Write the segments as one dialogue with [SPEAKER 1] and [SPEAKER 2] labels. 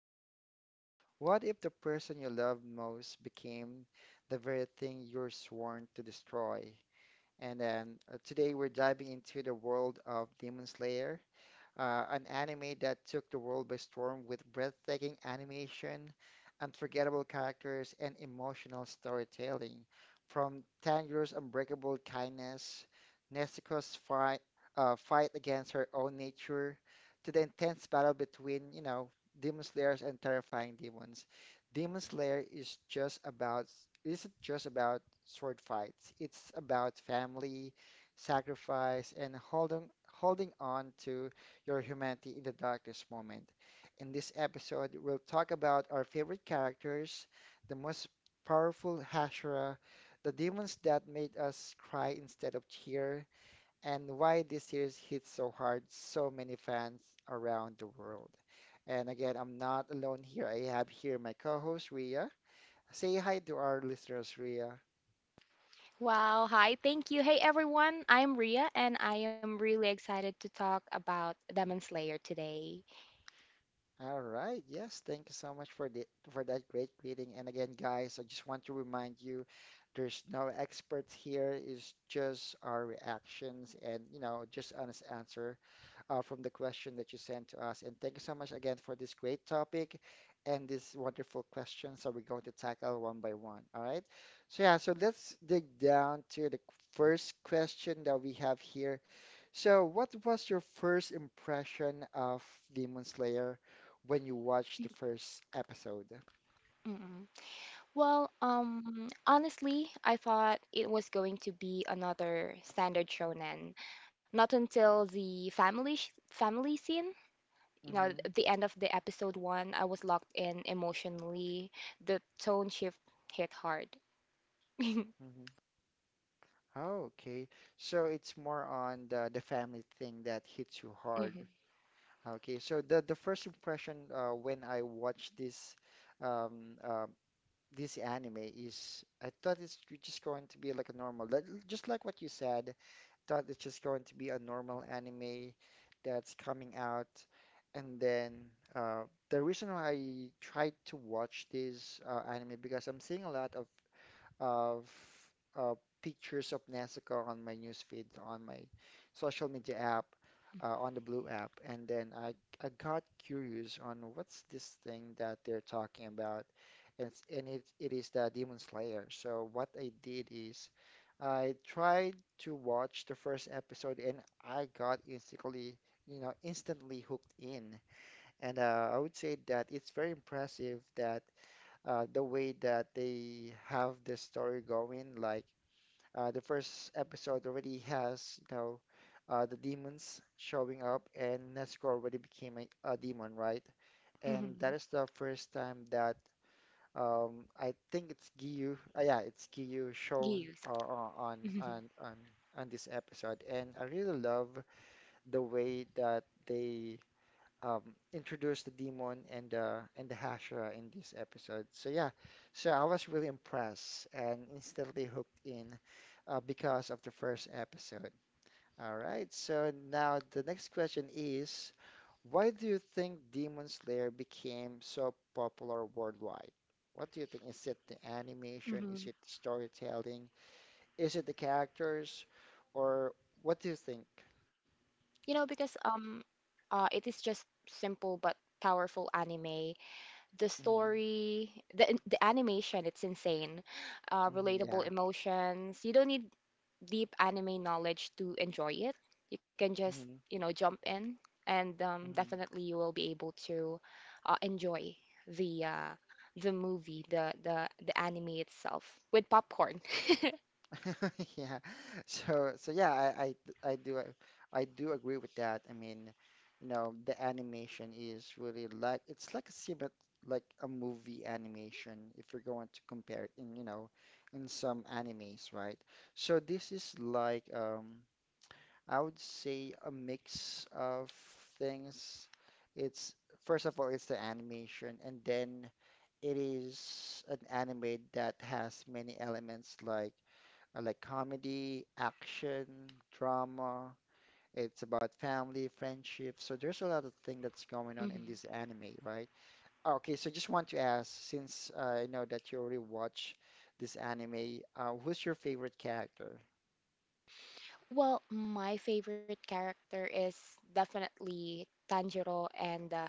[SPEAKER 1] question: What if the person you love most became the very thing you're sworn to destroy? And then Today we're diving into the world of Demon Slayer, an anime that took the world by storm with breathtaking animation, unforgettable characters, and emotional storytelling. From Tanjiro's unbreakable kindness, Nezuko's fight, fight against her own nature, to the intense battle between, you know, demon slayers and terrifying demons. Demon Slayer is just about Isn't just about sword fights. It's about family, sacrifice, and holding on to your humanity in the darkest moment. In this episode, we'll talk about our favorite characters, the most powerful Hashira, the demons that made us cry instead of cheer, and why this series hit so hard so many fans around the world. And again, I'm not alone here. I have here my co-host Ria. Say hi to our listeners, Ria.
[SPEAKER 2] Wow, hi, thank you. Hey everyone, I am Ria and I am really excited to talk about Demon Slayer today.
[SPEAKER 1] All right. Yes, thank you so much for the for that great greeting. And again, guys, I just want to remind you, there's no experts here. It's just our reactions and, you know, just honest answer from the question that you sent to us. And thank you so much again for this great topic and this wonderful question. So we're going to tackle one by one. All right. So let's dig down to the first question that we have here. So what was your first impression of Demon Slayer when you watched the first episode?
[SPEAKER 2] Mm. Honestly, I thought it was going to be another standard shonen. Not until the family scene,
[SPEAKER 1] hmm
[SPEAKER 2] the end of the episode one, I was locked in emotionally. The tone shift hit hard.
[SPEAKER 1] hmm Oh, okay. So it's more on the family thing that hits you
[SPEAKER 2] Mm-hmm.
[SPEAKER 1] hard. Okay, so the first impression when I watched this um, uh, this anime is I thought it's just going to be like a normal, just like what you said, thought it's just going to be a normal anime that's coming out, and then uh, the reason why I tried to watch this anime because I'm seeing a lot of uh, pictures of Nezuko on my newsfeed, on my social media app, on the Blue app, and then I got curious on what's this thing that they're talking about, and it's, and it is the Demon Slayer. So what I did is I tried to watch the first episode, and I got instantly you know instantly hooked in, and I would say that it's very impressive that the way that they have this story going. Like the first episode already has, you know, the demons showing up, and Nezuko already became a demon, right? And that
[SPEAKER 2] Mm-hmm.
[SPEAKER 1] is the first time that I think it's Giyu. Yeah, it's Giyu shown
[SPEAKER 2] Yes.
[SPEAKER 1] uh, uh, on on on on this episode, and I really love the way that they um, introduced the demon and the Hashira in this episode. So yeah, so I was really impressed and instantly hooked in because of the first episode. All right, so now the next question is, why do you think Demon Slayer became so popular worldwide? What do you think? Is it the animation? Is it the storytelling? Is it the characters? Or what do you think?
[SPEAKER 2] Because it is just simple but powerful anime. The
[SPEAKER 1] Mm-hmm.
[SPEAKER 2] story, the animation, it's insane.
[SPEAKER 1] Mm-hmm.
[SPEAKER 2] Relatable
[SPEAKER 1] Yeah.
[SPEAKER 2] emotions. You don't need deep anime knowledge to enjoy it. You can just,
[SPEAKER 1] Mm-hmm.
[SPEAKER 2] you know, jump in and
[SPEAKER 1] Mm-hmm.
[SPEAKER 2] definitely you will be able to enjoy the uh the movie, the anime itself with popcorn.
[SPEAKER 1] Yeah. So yeah, I do I do agree with that. I mean, you know, the animation is really like it's like a similar like a movie animation if you're going to compare it in, you know, in some animes, right? So this is like I would say a mix of things. It's first of all it's the animation and then it is an anime that has many elements like I like comedy, action, drama. It's about family, friendship. So there's a lot of thing that's going on in
[SPEAKER 2] Hmm.
[SPEAKER 1] this anime, right? Okay, so just want to ask, since I know that you already watch this anime, who's your favorite character?
[SPEAKER 2] Well, my favorite character is definitely Tanjiro and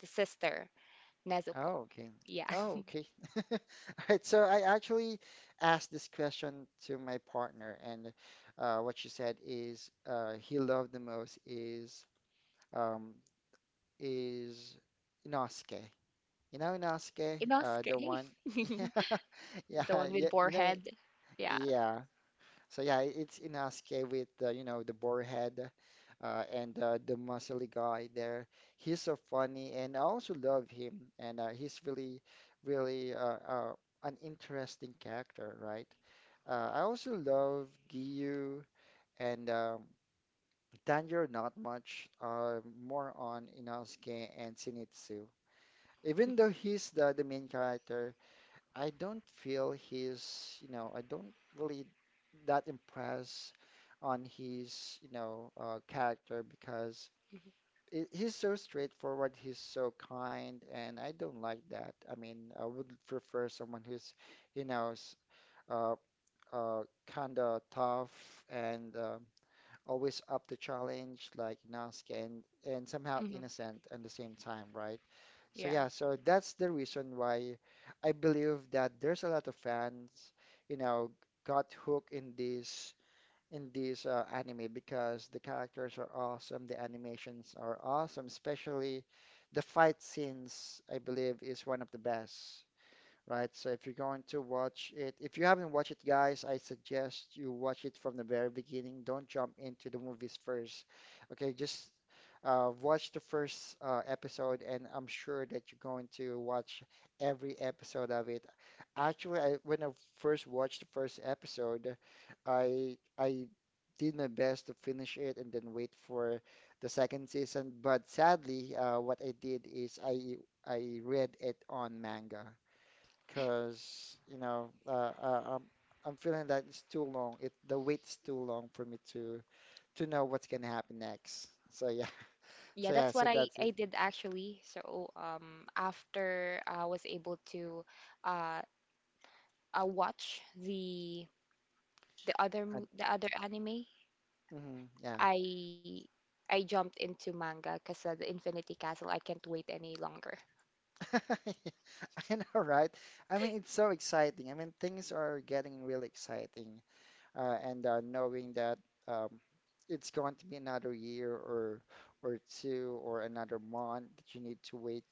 [SPEAKER 2] the sister, Nezuko.
[SPEAKER 1] Oh, okay.
[SPEAKER 2] Yeah.
[SPEAKER 1] Oh, okay. All right. So I actually asked this question to my partner, and what she said is he loved the most is um, is Inosuke. You know, Inosuke, the
[SPEAKER 2] Inosuke.
[SPEAKER 1] one. Yeah,
[SPEAKER 2] The one with
[SPEAKER 1] yeah,
[SPEAKER 2] boar
[SPEAKER 1] you know,
[SPEAKER 2] head. Yeah.
[SPEAKER 1] yeah. So yeah, it's Inosuke with the, you know, the boar head, and the muscly guy there. He's so funny, and I also love him. And he's really, really an interesting character, right? I also love Giyu and Tanjiro not much. More on Inosuke and Shinichi even though he's the main character, I don't feel he's, you know, I don't really that impressed on his, you know, character because he's so straightforward, he's so kind, and I don't like that. I mean, I would prefer someone who's, you know, uh, kind of tough and always up to challenge, like Inosuke, and somehow
[SPEAKER 2] Hmm.
[SPEAKER 1] innocent at the same time, right? So
[SPEAKER 2] Yeah.
[SPEAKER 1] yeah, so that's the reason why I believe that there's a lot of fans, you know, got hooked in this anime because the characters are awesome, the animations are awesome, especially the fight scenes, I believe, is one of the best, right? So if you're going to watch it, if you haven't watched it, guys, I suggest you watch it from the very beginning. Don't jump into the movies first. Okay, just watch the first episode, and I'm sure that you're going to watch every episode of it. Actually, when I first watched the first episode, I did my best to finish it and then wait for the second season. But sadly, what I did is I read it on manga because you know uh, I'm I'm feeling that it's too long. It The wait's too long for me to know what's gonna happen next. So yeah,
[SPEAKER 2] Yeah,
[SPEAKER 1] so
[SPEAKER 2] that's
[SPEAKER 1] yeah,
[SPEAKER 2] what
[SPEAKER 1] so
[SPEAKER 2] I,
[SPEAKER 1] that's
[SPEAKER 2] I
[SPEAKER 1] it.
[SPEAKER 2] did actually. So, after I was able to uh, watch
[SPEAKER 1] I,
[SPEAKER 2] the other anime,
[SPEAKER 1] mhm, yeah,
[SPEAKER 2] I I jumped into manga because the Infinity Castle, I can't wait any longer.
[SPEAKER 1] I know, right? I mean, it's so exciting. I mean, things are getting really exciting. And Knowing that um, it's going to be another year or two or another month that you need to wait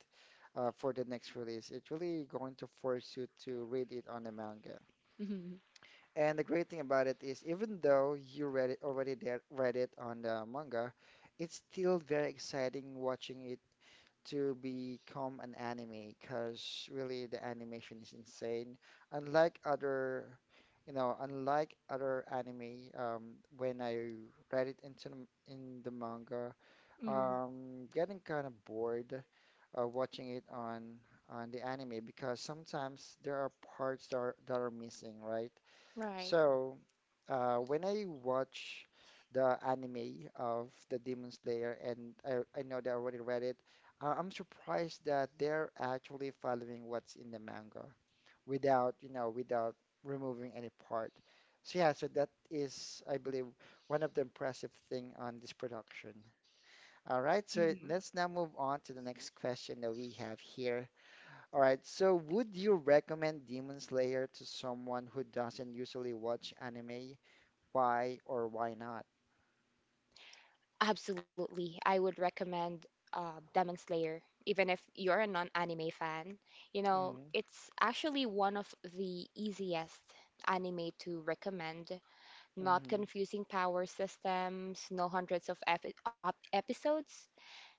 [SPEAKER 1] for the next release. It's really going to force you to read it on the manga. And the great thing about it is, even though you read it already there, read it on the manga, it's still very exciting watching it to become an anime because really the animation is insane. Unlike other, you know, unlike other anime, when I read it into in the manga,
[SPEAKER 2] Mhm.
[SPEAKER 1] getting kind of bored watching it on the anime because sometimes there are parts that are missing, right?
[SPEAKER 2] Right.
[SPEAKER 1] So, when I watch the anime of the Demon Slayer, and I know that I already read it, I'm surprised that they're actually following what's in the manga without, you know, without removing any part. So yeah, so that is, I believe, one of the impressive thing on this production. All right, so
[SPEAKER 2] Mhm.
[SPEAKER 1] let's now move on to the next question that we have here. All right, so would you recommend Demon Slayer to someone who doesn't usually watch anime? Why or why not.
[SPEAKER 2] Absolutely. I would recommend Demon Slayer, even if you're a non-anime fan. You know,
[SPEAKER 1] Mm,
[SPEAKER 2] it's actually one of the easiest anime to recommend.
[SPEAKER 1] hmm
[SPEAKER 2] Not
[SPEAKER 1] mm,
[SPEAKER 2] confusing power systems, no hundreds of episodes.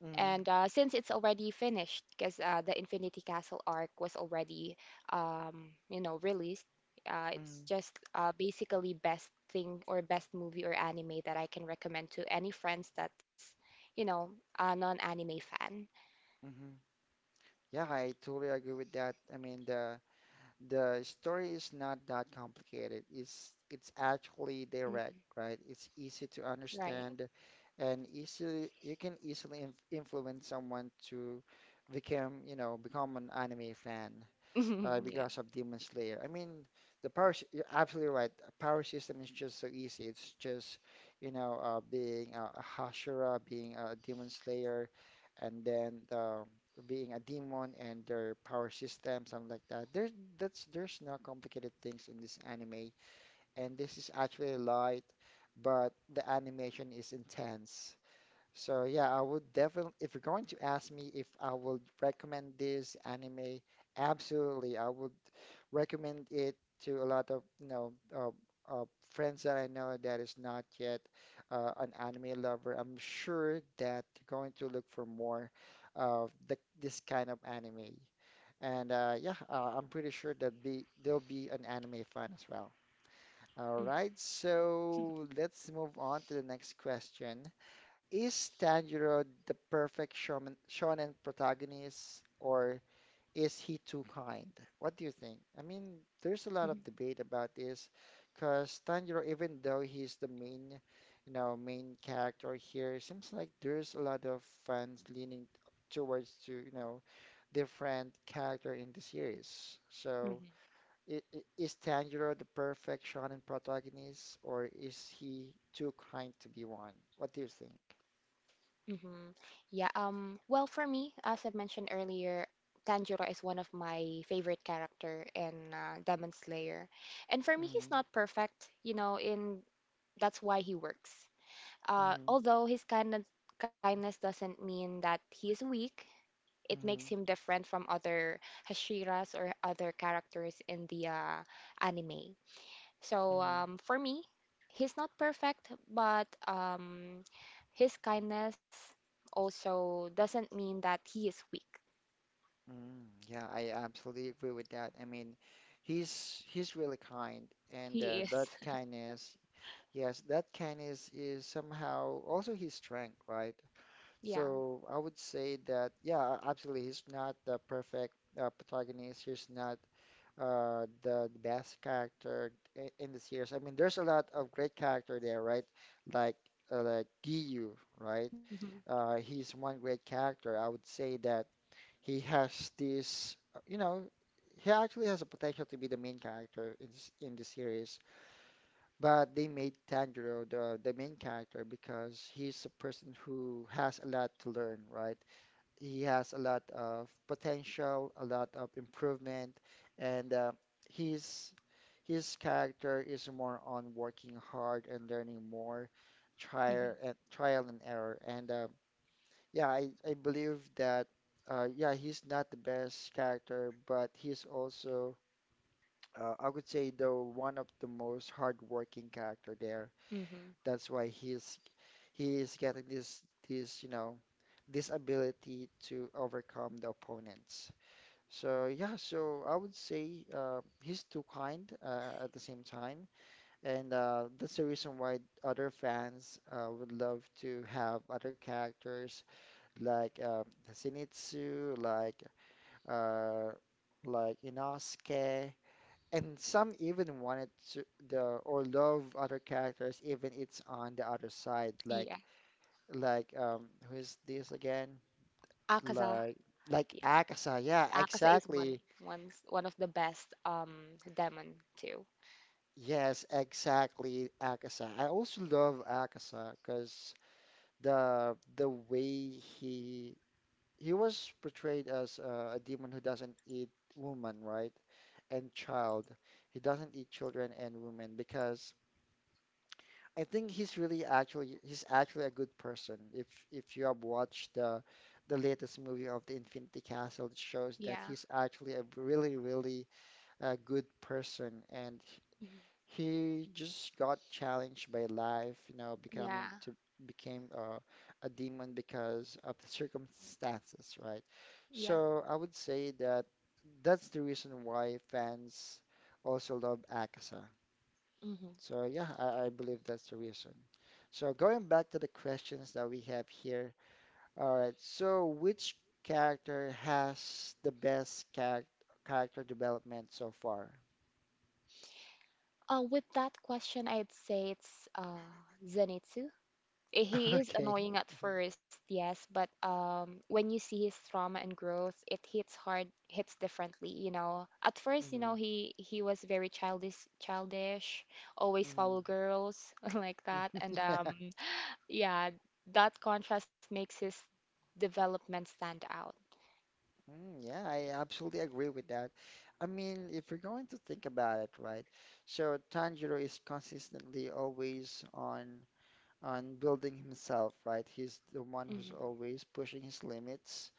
[SPEAKER 1] hmm mm,
[SPEAKER 2] since it's already finished, because the Infinity Castle arc was already, you know, released,
[SPEAKER 1] hmm
[SPEAKER 2] it's
[SPEAKER 1] mm,
[SPEAKER 2] just basically best thing or best movie or anime that I can recommend to any friends that's, you know, a non-anime fan.
[SPEAKER 1] mm. Yeah, I totally agree with that. I mean, the story is not that complicated. It's actually direct,
[SPEAKER 2] Mm.
[SPEAKER 1] right? It's easy to
[SPEAKER 2] Right.
[SPEAKER 1] understand, and easily you can easily influence someone to become, you know, become an anime fan because
[SPEAKER 2] Yeah.
[SPEAKER 1] of Demon Slayer. I mean, you're absolutely right. A power system is just so easy. It's just, you know, being a Hashira, being a Demon Slayer, and then being a demon and their power system, something like that. There's no complicated things in this anime, and this is actually light, but the animation is intense. So yeah, I would definitely, if you're going to ask me if I would recommend this anime, absolutely. I would recommend it to a lot of you know uh, friends that I know that is not yet an anime lover. I'm sure that they're going to look for more of this kind of anime. And I'm pretty sure that be there'll be an anime fan as well. All
[SPEAKER 2] Mm-hmm.
[SPEAKER 1] right, so let's move on to the next question. Is Tanjiro the perfect shonen protagonist, or is he too kind? What do you think? I mean, there's a lot of
[SPEAKER 2] Mm-hmm.
[SPEAKER 1] debate about this because Tanjiro, even though he's the main, you know, main character here, it seems like there's a lot of fans leaning towards to, you know, different character in the series. So
[SPEAKER 2] Mm-hmm.
[SPEAKER 1] is Tanjiro the perfect shonen protagonist or is he too kind to be one? What do you think?
[SPEAKER 2] Mm-hmm. Yeah, well, for me, as I've mentioned earlier, Tanjiro is one of my favorite character in Demon Slayer. And for me,
[SPEAKER 1] Mm-hmm.
[SPEAKER 2] he's not perfect, you know, in that's why he works.
[SPEAKER 1] Mm-hmm.
[SPEAKER 2] Although his kindness doesn't mean that he is weak, it makes
[SPEAKER 1] Mm-hmm.
[SPEAKER 2] him different from other Hashiras or other characters in the anime. So for me, he's not perfect, but his kindness also doesn't mean that he is weak.
[SPEAKER 1] Mm, yeah, I absolutely agree with that. I mean, he's really kind, and
[SPEAKER 2] He is.
[SPEAKER 1] that kindness, yes, that kindness is somehow also his strength, right?
[SPEAKER 2] Yeah.
[SPEAKER 1] So I would say that, yeah, absolutely, he's not the perfect protagonist. He's not the best character in the series. I mean, there's a lot of great character there, right? Like like Giyu, right?
[SPEAKER 2] Hmm.
[SPEAKER 1] He's one great character. I would say that. He has this, he actually has a potential to be the main character in the series, but they made Tanjiro the main character because he's a person who has a lot to learn, right? He has a lot of potential, a lot of improvement, and his character is more on working hard and learning more,
[SPEAKER 2] Hmm.
[SPEAKER 1] trial and trial and error, and yeah, I believe that yeah, he's not the best character, but he's also I would say the one of the most hardworking character there.
[SPEAKER 2] Hmm.
[SPEAKER 1] That's why he's getting this this you know this ability to overcome the opponents. So yeah, so I would say he's too kind at the same time, and that's the reason why other fans would love to have other characters like Zenitsu, uh, like Inosuke, and some even wanted to the or love other characters even it's on the other side, like,
[SPEAKER 2] Yeah.
[SPEAKER 1] like um who is this again?
[SPEAKER 2] Akaza.
[SPEAKER 1] Like like
[SPEAKER 2] Yeah.
[SPEAKER 1] Akasa, yeah,
[SPEAKER 2] Akaza is one
[SPEAKER 1] exactly.
[SPEAKER 2] one's one of the best demon too.
[SPEAKER 1] Yes, exactly, Akasa. I also love Akasa because the way he was portrayed as a demon who doesn't eat woman, right? And child. He doesn't eat children and women because I think he's actually a good person. If you have watched the latest movie of the Infinity Castle, it shows that
[SPEAKER 2] Yeah.
[SPEAKER 1] he's actually a really really good person and
[SPEAKER 2] Mhm.
[SPEAKER 1] he just got challenged by life, becoming
[SPEAKER 2] Yeah.
[SPEAKER 1] to became a demon because of the circumstances, right?
[SPEAKER 2] Yeah.
[SPEAKER 1] So I would say that that's the reason why fans also love Akaza.
[SPEAKER 2] Hmm.
[SPEAKER 1] So yeah, I believe that's the reason. So going back to the questions that we have here. All right, so which character has the best character development so far?
[SPEAKER 2] With that question, I'd say it's Zenitsu. He is
[SPEAKER 1] Okay.
[SPEAKER 2] annoying at first, yes, but when you see his trauma and growth, it hits hard, hits differently, you know. At first, you know,
[SPEAKER 1] Hmm.
[SPEAKER 2] he was very childish, always
[SPEAKER 1] Hmm.
[SPEAKER 2] follow girls like that, and
[SPEAKER 1] Yeah.
[SPEAKER 2] yeah, that contrast makes his development stand out.
[SPEAKER 1] Mm, yeah, I absolutely agree with that. I mean, if you're going to think about it, right? So Tanjiro is consistently always on building himself, right? He's the one
[SPEAKER 2] Hmm.
[SPEAKER 1] who's always pushing his limits.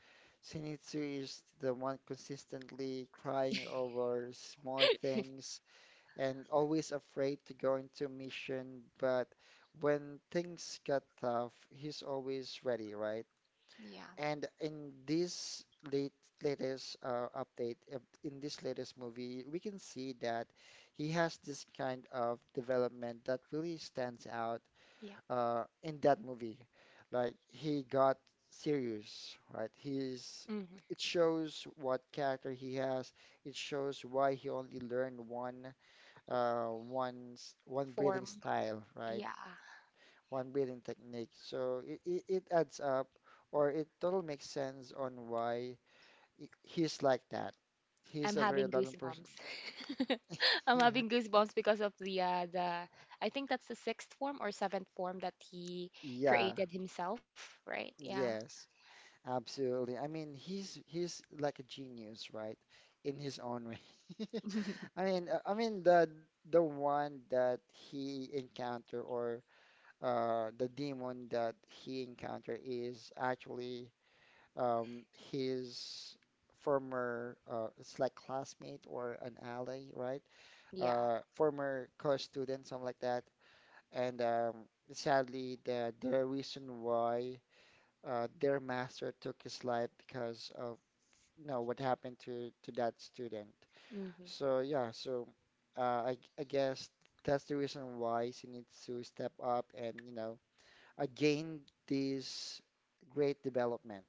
[SPEAKER 1] Shinichi is the one consistently crying over small things and always afraid to go into mission, but when things get tough, he's always ready, right?
[SPEAKER 2] Yeah,
[SPEAKER 1] And in this late latest update, in this latest movie, we can see that he has this kind of development that really stands out
[SPEAKER 2] yeah.
[SPEAKER 1] in that movie. Like he got serious, right? He's
[SPEAKER 2] Hmm.
[SPEAKER 1] It shows what character he has. It shows why he only learned one one breathing
[SPEAKER 2] Form,
[SPEAKER 1] style, right?
[SPEAKER 2] yeah.
[SPEAKER 1] One breathing technique. So it adds up or it totally makes sense on why he's like that.
[SPEAKER 2] I'm
[SPEAKER 1] He's a very
[SPEAKER 2] having
[SPEAKER 1] loving person.
[SPEAKER 2] goosebumps. I'm
[SPEAKER 1] Yeah.
[SPEAKER 2] having goosebumps because of the I think that's the sixth form or seventh form that he
[SPEAKER 1] Yeah.
[SPEAKER 2] created himself, right? Yeah.
[SPEAKER 1] Yes. Absolutely. I mean, he's like a genius, right? In his own way. I mean, uh, I mean the one that he encounter or the demon that he encounter is actually um, his former, it's like classmate or an ally, right?
[SPEAKER 2] Yeah.
[SPEAKER 1] Former co-student, something like that. And sadly, the reason why their master took his life because of you know what happened to that student.
[SPEAKER 2] Hmm.
[SPEAKER 1] So yeah, so I guess that's the reason why she needs to step up and again this great development.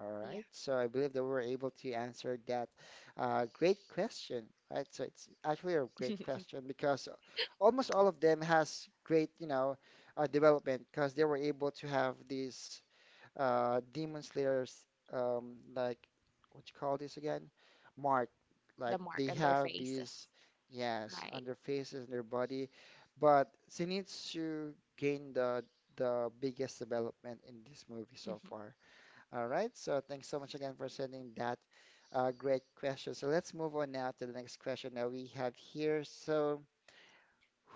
[SPEAKER 1] All
[SPEAKER 2] Yeah.
[SPEAKER 1] right, so I believe that we were able to answer that great question, right? So it's actually a great question because almost all of them has great, development because they were able to have these demon slayers, like what you call this again? Mark.
[SPEAKER 2] The
[SPEAKER 1] Like
[SPEAKER 2] mark
[SPEAKER 1] they
[SPEAKER 2] on their
[SPEAKER 1] have
[SPEAKER 2] faces,
[SPEAKER 1] these, yes,
[SPEAKER 2] right?
[SPEAKER 1] on their faces and their body, but Zenitsu gained the biggest development in this movie
[SPEAKER 2] Hmm.
[SPEAKER 1] so far. All right, so thanks so much again for sending that great question. So let's move on now to the next question that we have here. So,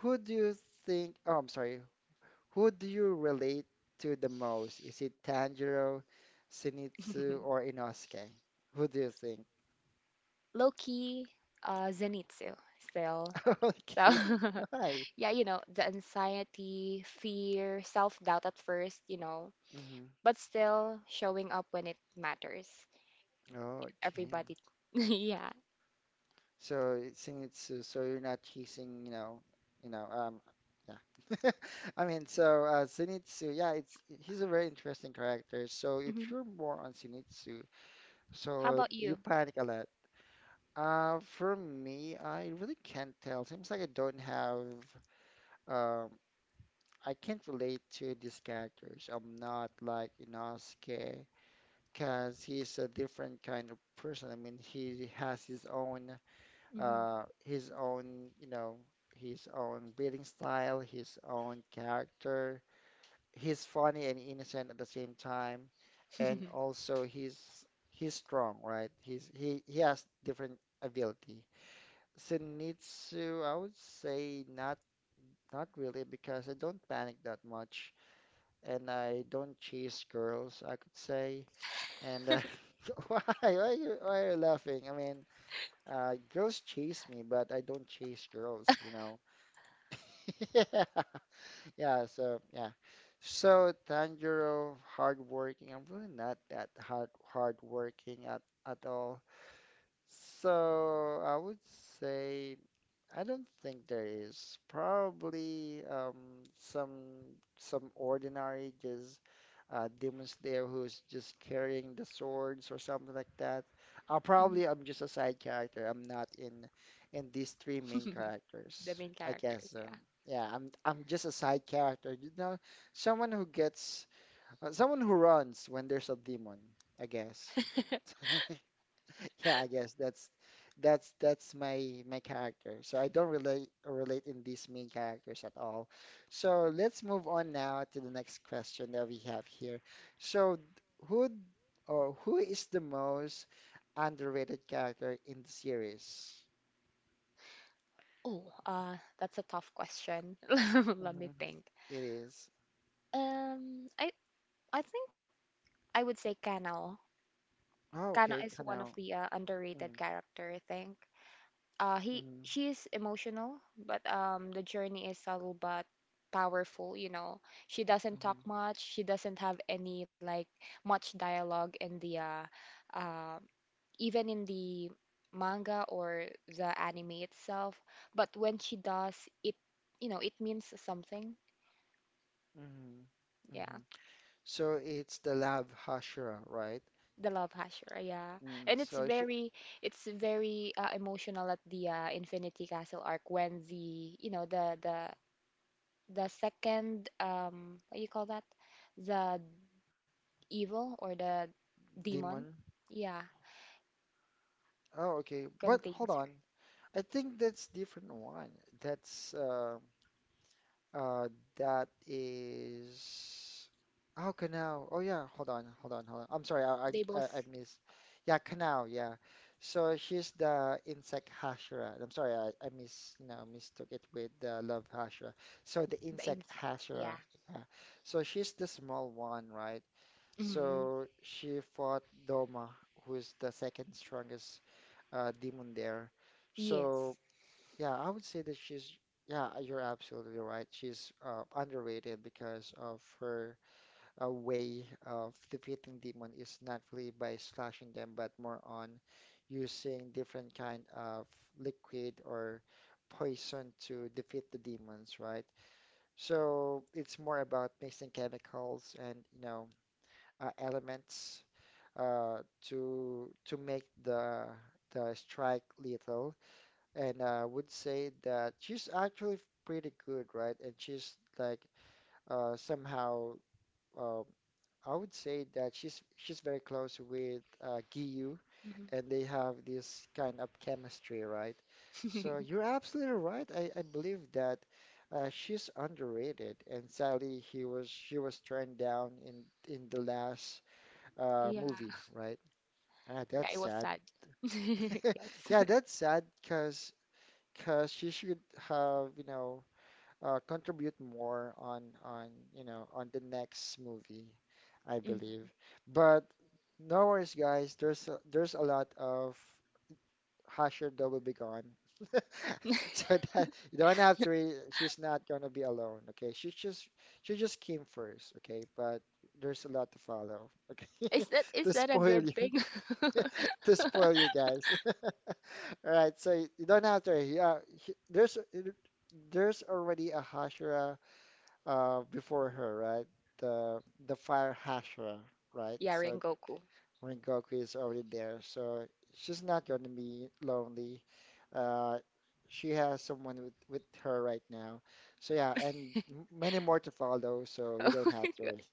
[SPEAKER 1] who do you think? Oh, I'm sorry. Who do you relate to the most? Is it Tanjiro, Zenitsu, or Inosuke? Who do you think?
[SPEAKER 2] Loki, Zenitsu still. So,
[SPEAKER 1] Okay, why?
[SPEAKER 2] yeah, you know, the anxiety, fear, self-doubt at first, you know,
[SPEAKER 1] Hmm.
[SPEAKER 2] but still showing up when it matters.
[SPEAKER 1] Okay.
[SPEAKER 2] Everybody. Yeah.
[SPEAKER 1] So it's saying so you're not chasing, you know, um, yeah. I mean, so Zenitsu, yeah, it's he's a very interesting character. So if
[SPEAKER 2] Hmm.
[SPEAKER 1] you're more on Zenitsu,
[SPEAKER 2] How
[SPEAKER 1] so
[SPEAKER 2] about
[SPEAKER 1] you
[SPEAKER 2] you?
[SPEAKER 1] panic a lot. For me, I really can't tell. Seems like I don't have, um, I can't relate to these characters. I'm not like Inosuke, because he's a different kind of person. I mean, he has
[SPEAKER 2] Hmm.
[SPEAKER 1] his own, you know, his own building style, his own character. He's funny and innocent at the same time, and also he's strong, right? He has different ability. Zenitsu, I would say not really because I don't panic that much and I don't chase girls, I could say. And why are you laughing? I mean, girls chase me, but I don't chase girls. Yeah, yeah. So yeah, so Tanjiro, hardworking. I'm really not that hardworking at all. So I would say I don't think there is. Probably some some ordinary just demons there who's just carrying the swords or something like that. Probably I'm just a side character. I'm not in these three main
[SPEAKER 2] The
[SPEAKER 1] characters.
[SPEAKER 2] main
[SPEAKER 1] I guess
[SPEAKER 2] characters,
[SPEAKER 1] so.
[SPEAKER 2] yeah.
[SPEAKER 1] Yeah, I'm just a side character. You know, someone who gets someone who runs when there's a demon, I guess. Yeah, I guess that's my character. So I don't relate in these main characters at all. So let's move on now to the next question that we have here. So d- who d- or who is the most underrated character in the series?
[SPEAKER 2] Oh, that's a tough question. Let me
[SPEAKER 1] Mhm.
[SPEAKER 2] think.
[SPEAKER 1] It is.
[SPEAKER 2] Um, I I think I would say Kanao.
[SPEAKER 1] Oh,
[SPEAKER 2] Kanao
[SPEAKER 1] okay,
[SPEAKER 2] is one of
[SPEAKER 1] Canal.
[SPEAKER 2] the underrated
[SPEAKER 1] Mm,
[SPEAKER 2] character, I think. He
[SPEAKER 1] mm,
[SPEAKER 2] She is emotional, but the journey is subtle but powerful. You know, she doesn't talk
[SPEAKER 1] mm,
[SPEAKER 2] much. She doesn't have any like much dialogue in the um even in the manga or the anime itself. But when she does, it, you know, it means something.
[SPEAKER 1] mm,
[SPEAKER 2] Yeah.
[SPEAKER 1] mm. So it's the Lab Hashira, right?
[SPEAKER 2] The love Hashira, yeah.
[SPEAKER 1] Mm,
[SPEAKER 2] And it's
[SPEAKER 1] so sh
[SPEAKER 2] very it's very uh, emotional at the Infinity Castle arc when the, you know, the second what you call that? The evil or the demon,
[SPEAKER 1] Demon.
[SPEAKER 2] yeah,
[SPEAKER 1] Oh, okay. But hold
[SPEAKER 2] contains her.
[SPEAKER 1] on. I think that's different one. That's uh uh that is oh, canal. Oh yeah, hold on, hold on, hold on. I'm sorry, I I
[SPEAKER 2] They
[SPEAKER 1] I I
[SPEAKER 2] both
[SPEAKER 1] missed. Yeah, canal. Yeah. So she's the insect Hashira. I'm sorry, I miss you know mistook it with the love Hashira. So the
[SPEAKER 2] the
[SPEAKER 1] insect
[SPEAKER 2] insect,
[SPEAKER 1] Hashira.
[SPEAKER 2] yeah.
[SPEAKER 1] Yeah. So she's the small one, right?
[SPEAKER 2] Hmm.
[SPEAKER 1] So she fought Doma, who's the second strongest demon there. So.
[SPEAKER 2] Yes.
[SPEAKER 1] Yeah, I would say that she's, yeah, you're absolutely right. She's underrated because of her way of defeating demon is not really by slashing them, but more on using different kind of liquid or poison to defeat the demons, right? So it's more about mixing chemicals and elements to make the strike lethal and I would say that she's actually pretty good, right? And she's like somehow um, I would say that she's very close with Giyu, and they have this kind of chemistry, right? So
[SPEAKER 2] Hmm.
[SPEAKER 1] you're absolutely right. I believe that she's underrated, and sadly, he was she was turned down in the last
[SPEAKER 2] Yeah.
[SPEAKER 1] movie, right? Ah,
[SPEAKER 2] Yeah, it
[SPEAKER 1] that's
[SPEAKER 2] was
[SPEAKER 1] sad.
[SPEAKER 2] sad. Yes.
[SPEAKER 1] Yeah, that's sad because she should have, contribute more on on the next movie, I
[SPEAKER 2] Mhm.
[SPEAKER 1] believe. But no worries, guys. There's a lot of Hasher that will be gone, so that you don't have to. Re she's not gonna be alone. Okay, she just came first. Okay, but there's a lot to follow. Okay,
[SPEAKER 2] Is that
[SPEAKER 1] to
[SPEAKER 2] a
[SPEAKER 1] spoil
[SPEAKER 2] good
[SPEAKER 1] you,
[SPEAKER 2] thing?
[SPEAKER 1] to spoil you guys. All right, so you don't have to. Yeah, there's already a Hashira before her, right? The the fire Hashira, right?
[SPEAKER 2] Yeah,
[SPEAKER 1] So
[SPEAKER 2] Rengoku.
[SPEAKER 1] Rengoku is already there, so she's not gonna be lonely. Uh, she has someone with her right now. So yeah, and many more to follow, so you
[SPEAKER 2] Oh
[SPEAKER 1] don't
[SPEAKER 2] my
[SPEAKER 1] have to
[SPEAKER 2] God.
[SPEAKER 1] worry.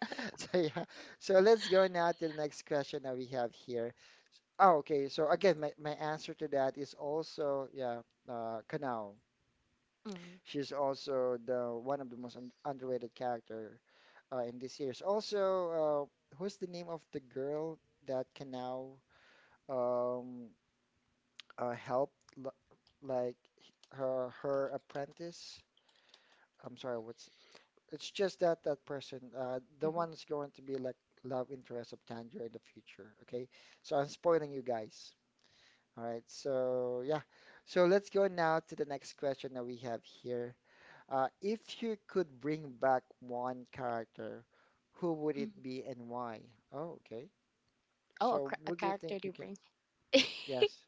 [SPEAKER 1] So yeah, so let's go now to the next question that we have here. Oh, okay. So again, my answer to that is also yeah, Kanao.
[SPEAKER 2] Mm,
[SPEAKER 1] She's also the one of the most un underrated character in this series. Also, who's the name of the girl that can now um, help l- like her apprentice? I'm sorry, what's it's just that person, the
[SPEAKER 2] mhm,
[SPEAKER 1] one that's going to be like love interest of Tanjiro in the future. Okay, so I'm spoiling you guys. All right, so yeah, so let's go now to the next question that we have here. If you could bring back one character, who would it
[SPEAKER 2] mhm.
[SPEAKER 1] be and why? Oh, okay. So,
[SPEAKER 2] A
[SPEAKER 1] would you
[SPEAKER 2] character do
[SPEAKER 1] think you can?
[SPEAKER 2] bring.
[SPEAKER 1] Yes.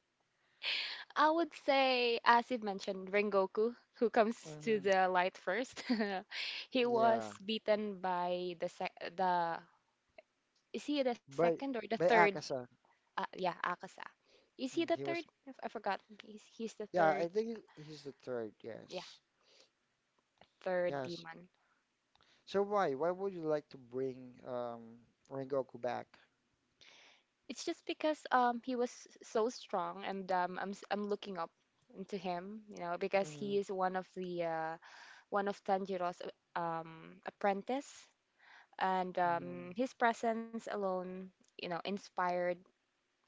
[SPEAKER 2] I would say, as you mentioned, Rengoku, who comes to
[SPEAKER 1] Hmm.
[SPEAKER 2] the light first. He was
[SPEAKER 1] Yeah.
[SPEAKER 2] beaten by the sec the is he the second
[SPEAKER 1] But
[SPEAKER 2] or the third?
[SPEAKER 1] Akasa,
[SPEAKER 2] Yeah, Akasa. Is he
[SPEAKER 1] mm,
[SPEAKER 2] the
[SPEAKER 1] he
[SPEAKER 2] third?
[SPEAKER 1] was.
[SPEAKER 2] I forgot. He's the
[SPEAKER 1] Yeah,
[SPEAKER 2] third.
[SPEAKER 1] I think he's the third.
[SPEAKER 2] Yeah,
[SPEAKER 1] Yes.
[SPEAKER 2] third
[SPEAKER 1] Yes.
[SPEAKER 2] demon.
[SPEAKER 1] So why? Why would you like to bring Rengoku back?
[SPEAKER 2] It's just because he was so strong and I'm looking up into him, you know, because
[SPEAKER 1] Mm-hmm.
[SPEAKER 2] he is one of the one of Tanjiro's apprentice and
[SPEAKER 1] Mm-hmm.
[SPEAKER 2] his presence alone, you know, inspired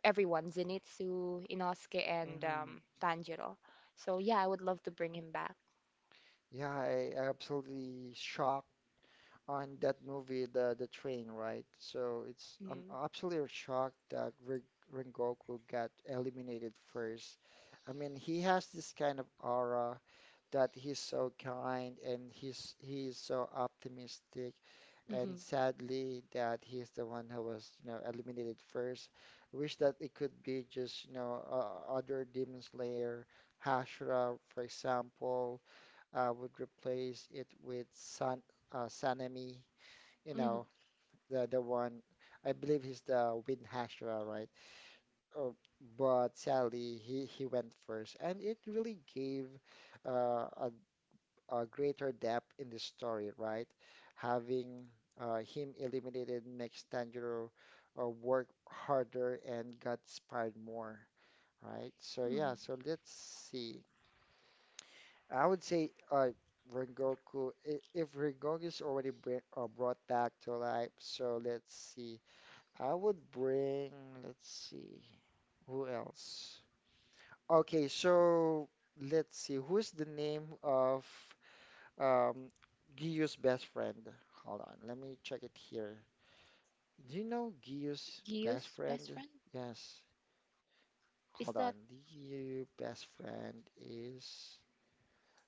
[SPEAKER 2] everyone, Zenitsu, Inosuke and Tanjiro. So yeah, I would love to bring him back.
[SPEAKER 1] Yeah, I absolutely shocked on that movie, the train, right? So it's
[SPEAKER 2] Mm.
[SPEAKER 1] I'm absolutely shocked that Rengoku got eliminated first. I mean, he has this kind of aura that he's so kind and he's so optimistic, and
[SPEAKER 2] Mhm.
[SPEAKER 1] sadly that he's the one who was, you know, eliminated first. I wish that it could be just, you know, other Demon Slayer, Hashira, for example, would replace it with Sanemi, you
[SPEAKER 2] Mhm.
[SPEAKER 1] know, the one I believe he's the Wind Hashira, right? Oh, but sadly, he went first, and it really gave uh, a a greater depth in the story, right? Having him eliminated makes Tanjiro work harder and got inspired more, right? So
[SPEAKER 2] Hmm.
[SPEAKER 1] yeah, so let's see. I would say Rengoku, if Rengoku is already br brought back to life, so let's see, I would bring, let's see, who else? Okay, so let's see, who's the name of um, Giyu's best friend? Hold on, let me check it here. Do you know Giyu's
[SPEAKER 2] Gyu's
[SPEAKER 1] best
[SPEAKER 2] best friend?
[SPEAKER 1] friend? Yes.
[SPEAKER 2] Is
[SPEAKER 1] Hold on,
[SPEAKER 2] that
[SPEAKER 1] Giyu best friend is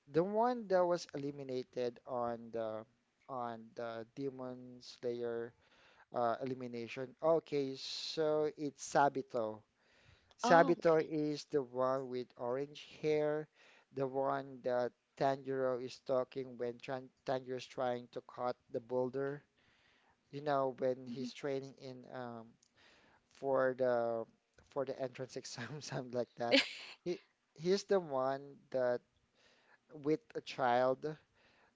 [SPEAKER 1] the one that was eliminated on the Demon Slayer elimination. Okay, so it's Sabito.
[SPEAKER 2] Oh, okay.
[SPEAKER 1] Sabito is the one with orange hair, the one that Tanjiro is talking when tran Tanjiro is trying to cut the boulder. You know, when he's training in for the entrance exam, something like that. He he's the one that with a child.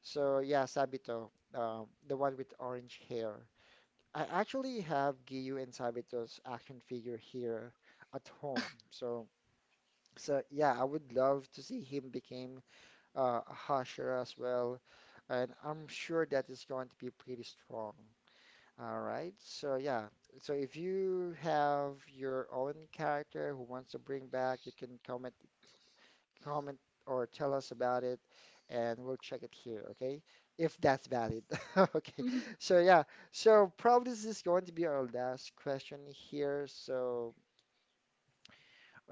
[SPEAKER 1] So yeah, Sabito, the one with orange hair. I actually have Giyu and Sabito's action figure here at home. So. So yeah, I would love to see him became a Hashira as well, and I'm sure that is going to be pretty strong. All right, so yeah, so if you have your own character who wants to bring back, you can comment or tell us about it, and we'll check it here, okay? If that's valid, okay.
[SPEAKER 2] Mhm.
[SPEAKER 1] So yeah, so probably this is going to be our last question here. So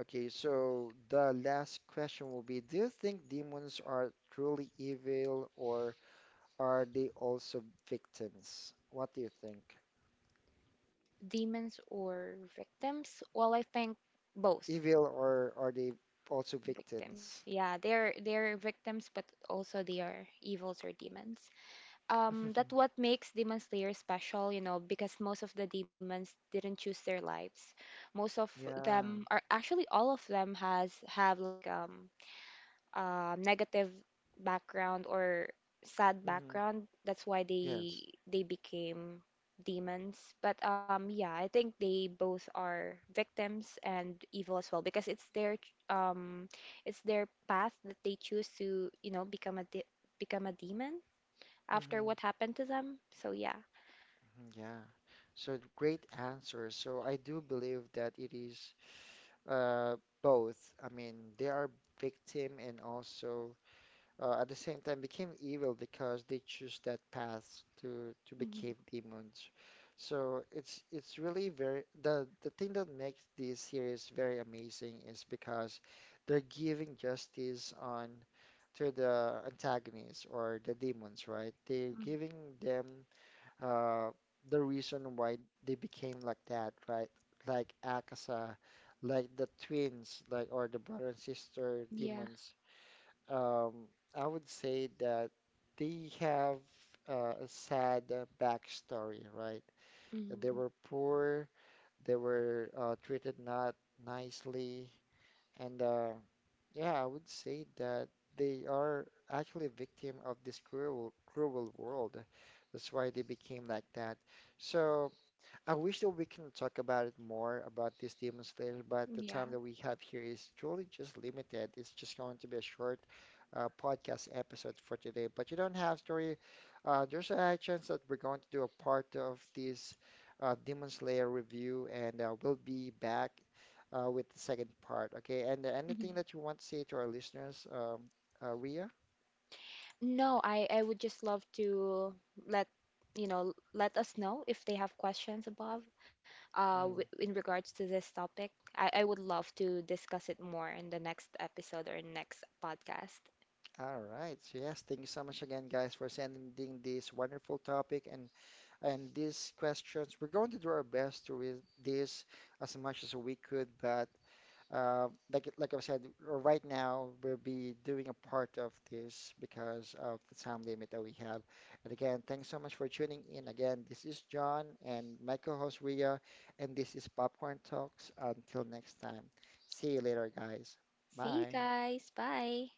[SPEAKER 1] okay, so the last question will be, do you think demons are truly evil or are they also victims? What do you think?
[SPEAKER 2] Demons or victims? Well, I think both
[SPEAKER 1] Evil or are they also
[SPEAKER 2] victims.
[SPEAKER 1] victims?
[SPEAKER 2] Yeah, they're victims, but also they are evils or demons. That what makes Demon Slayer special, you know, because most of the demons didn't choose their lives. Most of
[SPEAKER 1] Yeah.
[SPEAKER 2] them are actually all of them has have like negative background or sad
[SPEAKER 1] Hmm.
[SPEAKER 2] background. That's why
[SPEAKER 1] Yes.
[SPEAKER 2] they became demons. But yeah, I think they both are victims and evil as well because it's their path that they choose to, you know, become a demon after
[SPEAKER 1] Hmm.
[SPEAKER 2] what happened to them. So yeah.
[SPEAKER 1] Yeah. So great answer. So I do believe that it is uh both. I mean, they are victim and also at the same time became evil because they choose that path to
[SPEAKER 2] Mhm.
[SPEAKER 1] become demons. So it's really very the thing that makes this series very amazing is because they're giving justice on to the antagonists or the demons, right? They're
[SPEAKER 2] Mm.
[SPEAKER 1] giving them uh the reason why they became like that, right? Like Akasa, like the twins, like or the brother and sister
[SPEAKER 2] Yeah.
[SPEAKER 1] demons, um, I would say that they have a sad backstory, right?
[SPEAKER 2] Mhm.
[SPEAKER 1] They were poor, they were treated not nicely, and yeah, I would say that they are actually a victim of this cruel, cruel world. That's why they became like that. So I wish that we can talk about it more about this Demon Slayer, but the time
[SPEAKER 2] Yeah.
[SPEAKER 1] that we have here is truly just limited. It's just going to be a short podcast episode for today. But you don't have story. There's a high chance that we're going to do a part of this Demon Slayer review, and we'll be back with the second part. Okay, and anything
[SPEAKER 2] Mhm.
[SPEAKER 1] that you want to say to our listeners, Ria?
[SPEAKER 2] No, I would just love to let you know let us know if they have questions above w in regards to this topic. I would love to discuss it more in the next episode or next podcast.
[SPEAKER 1] All right. So yes, thank you so much again, guys, for sending this wonderful topic and these questions. We're going to do our best to read this as much as we could, but like I said, right now we'll be doing a part of this because of the time limit that we have. And again, thanks so much for tuning in. Again, this is John and my co-host Ria, and this is Popcorn Talks. Until next time, see you later, guys.
[SPEAKER 2] See you
[SPEAKER 1] Bye.
[SPEAKER 2] guys. Bye.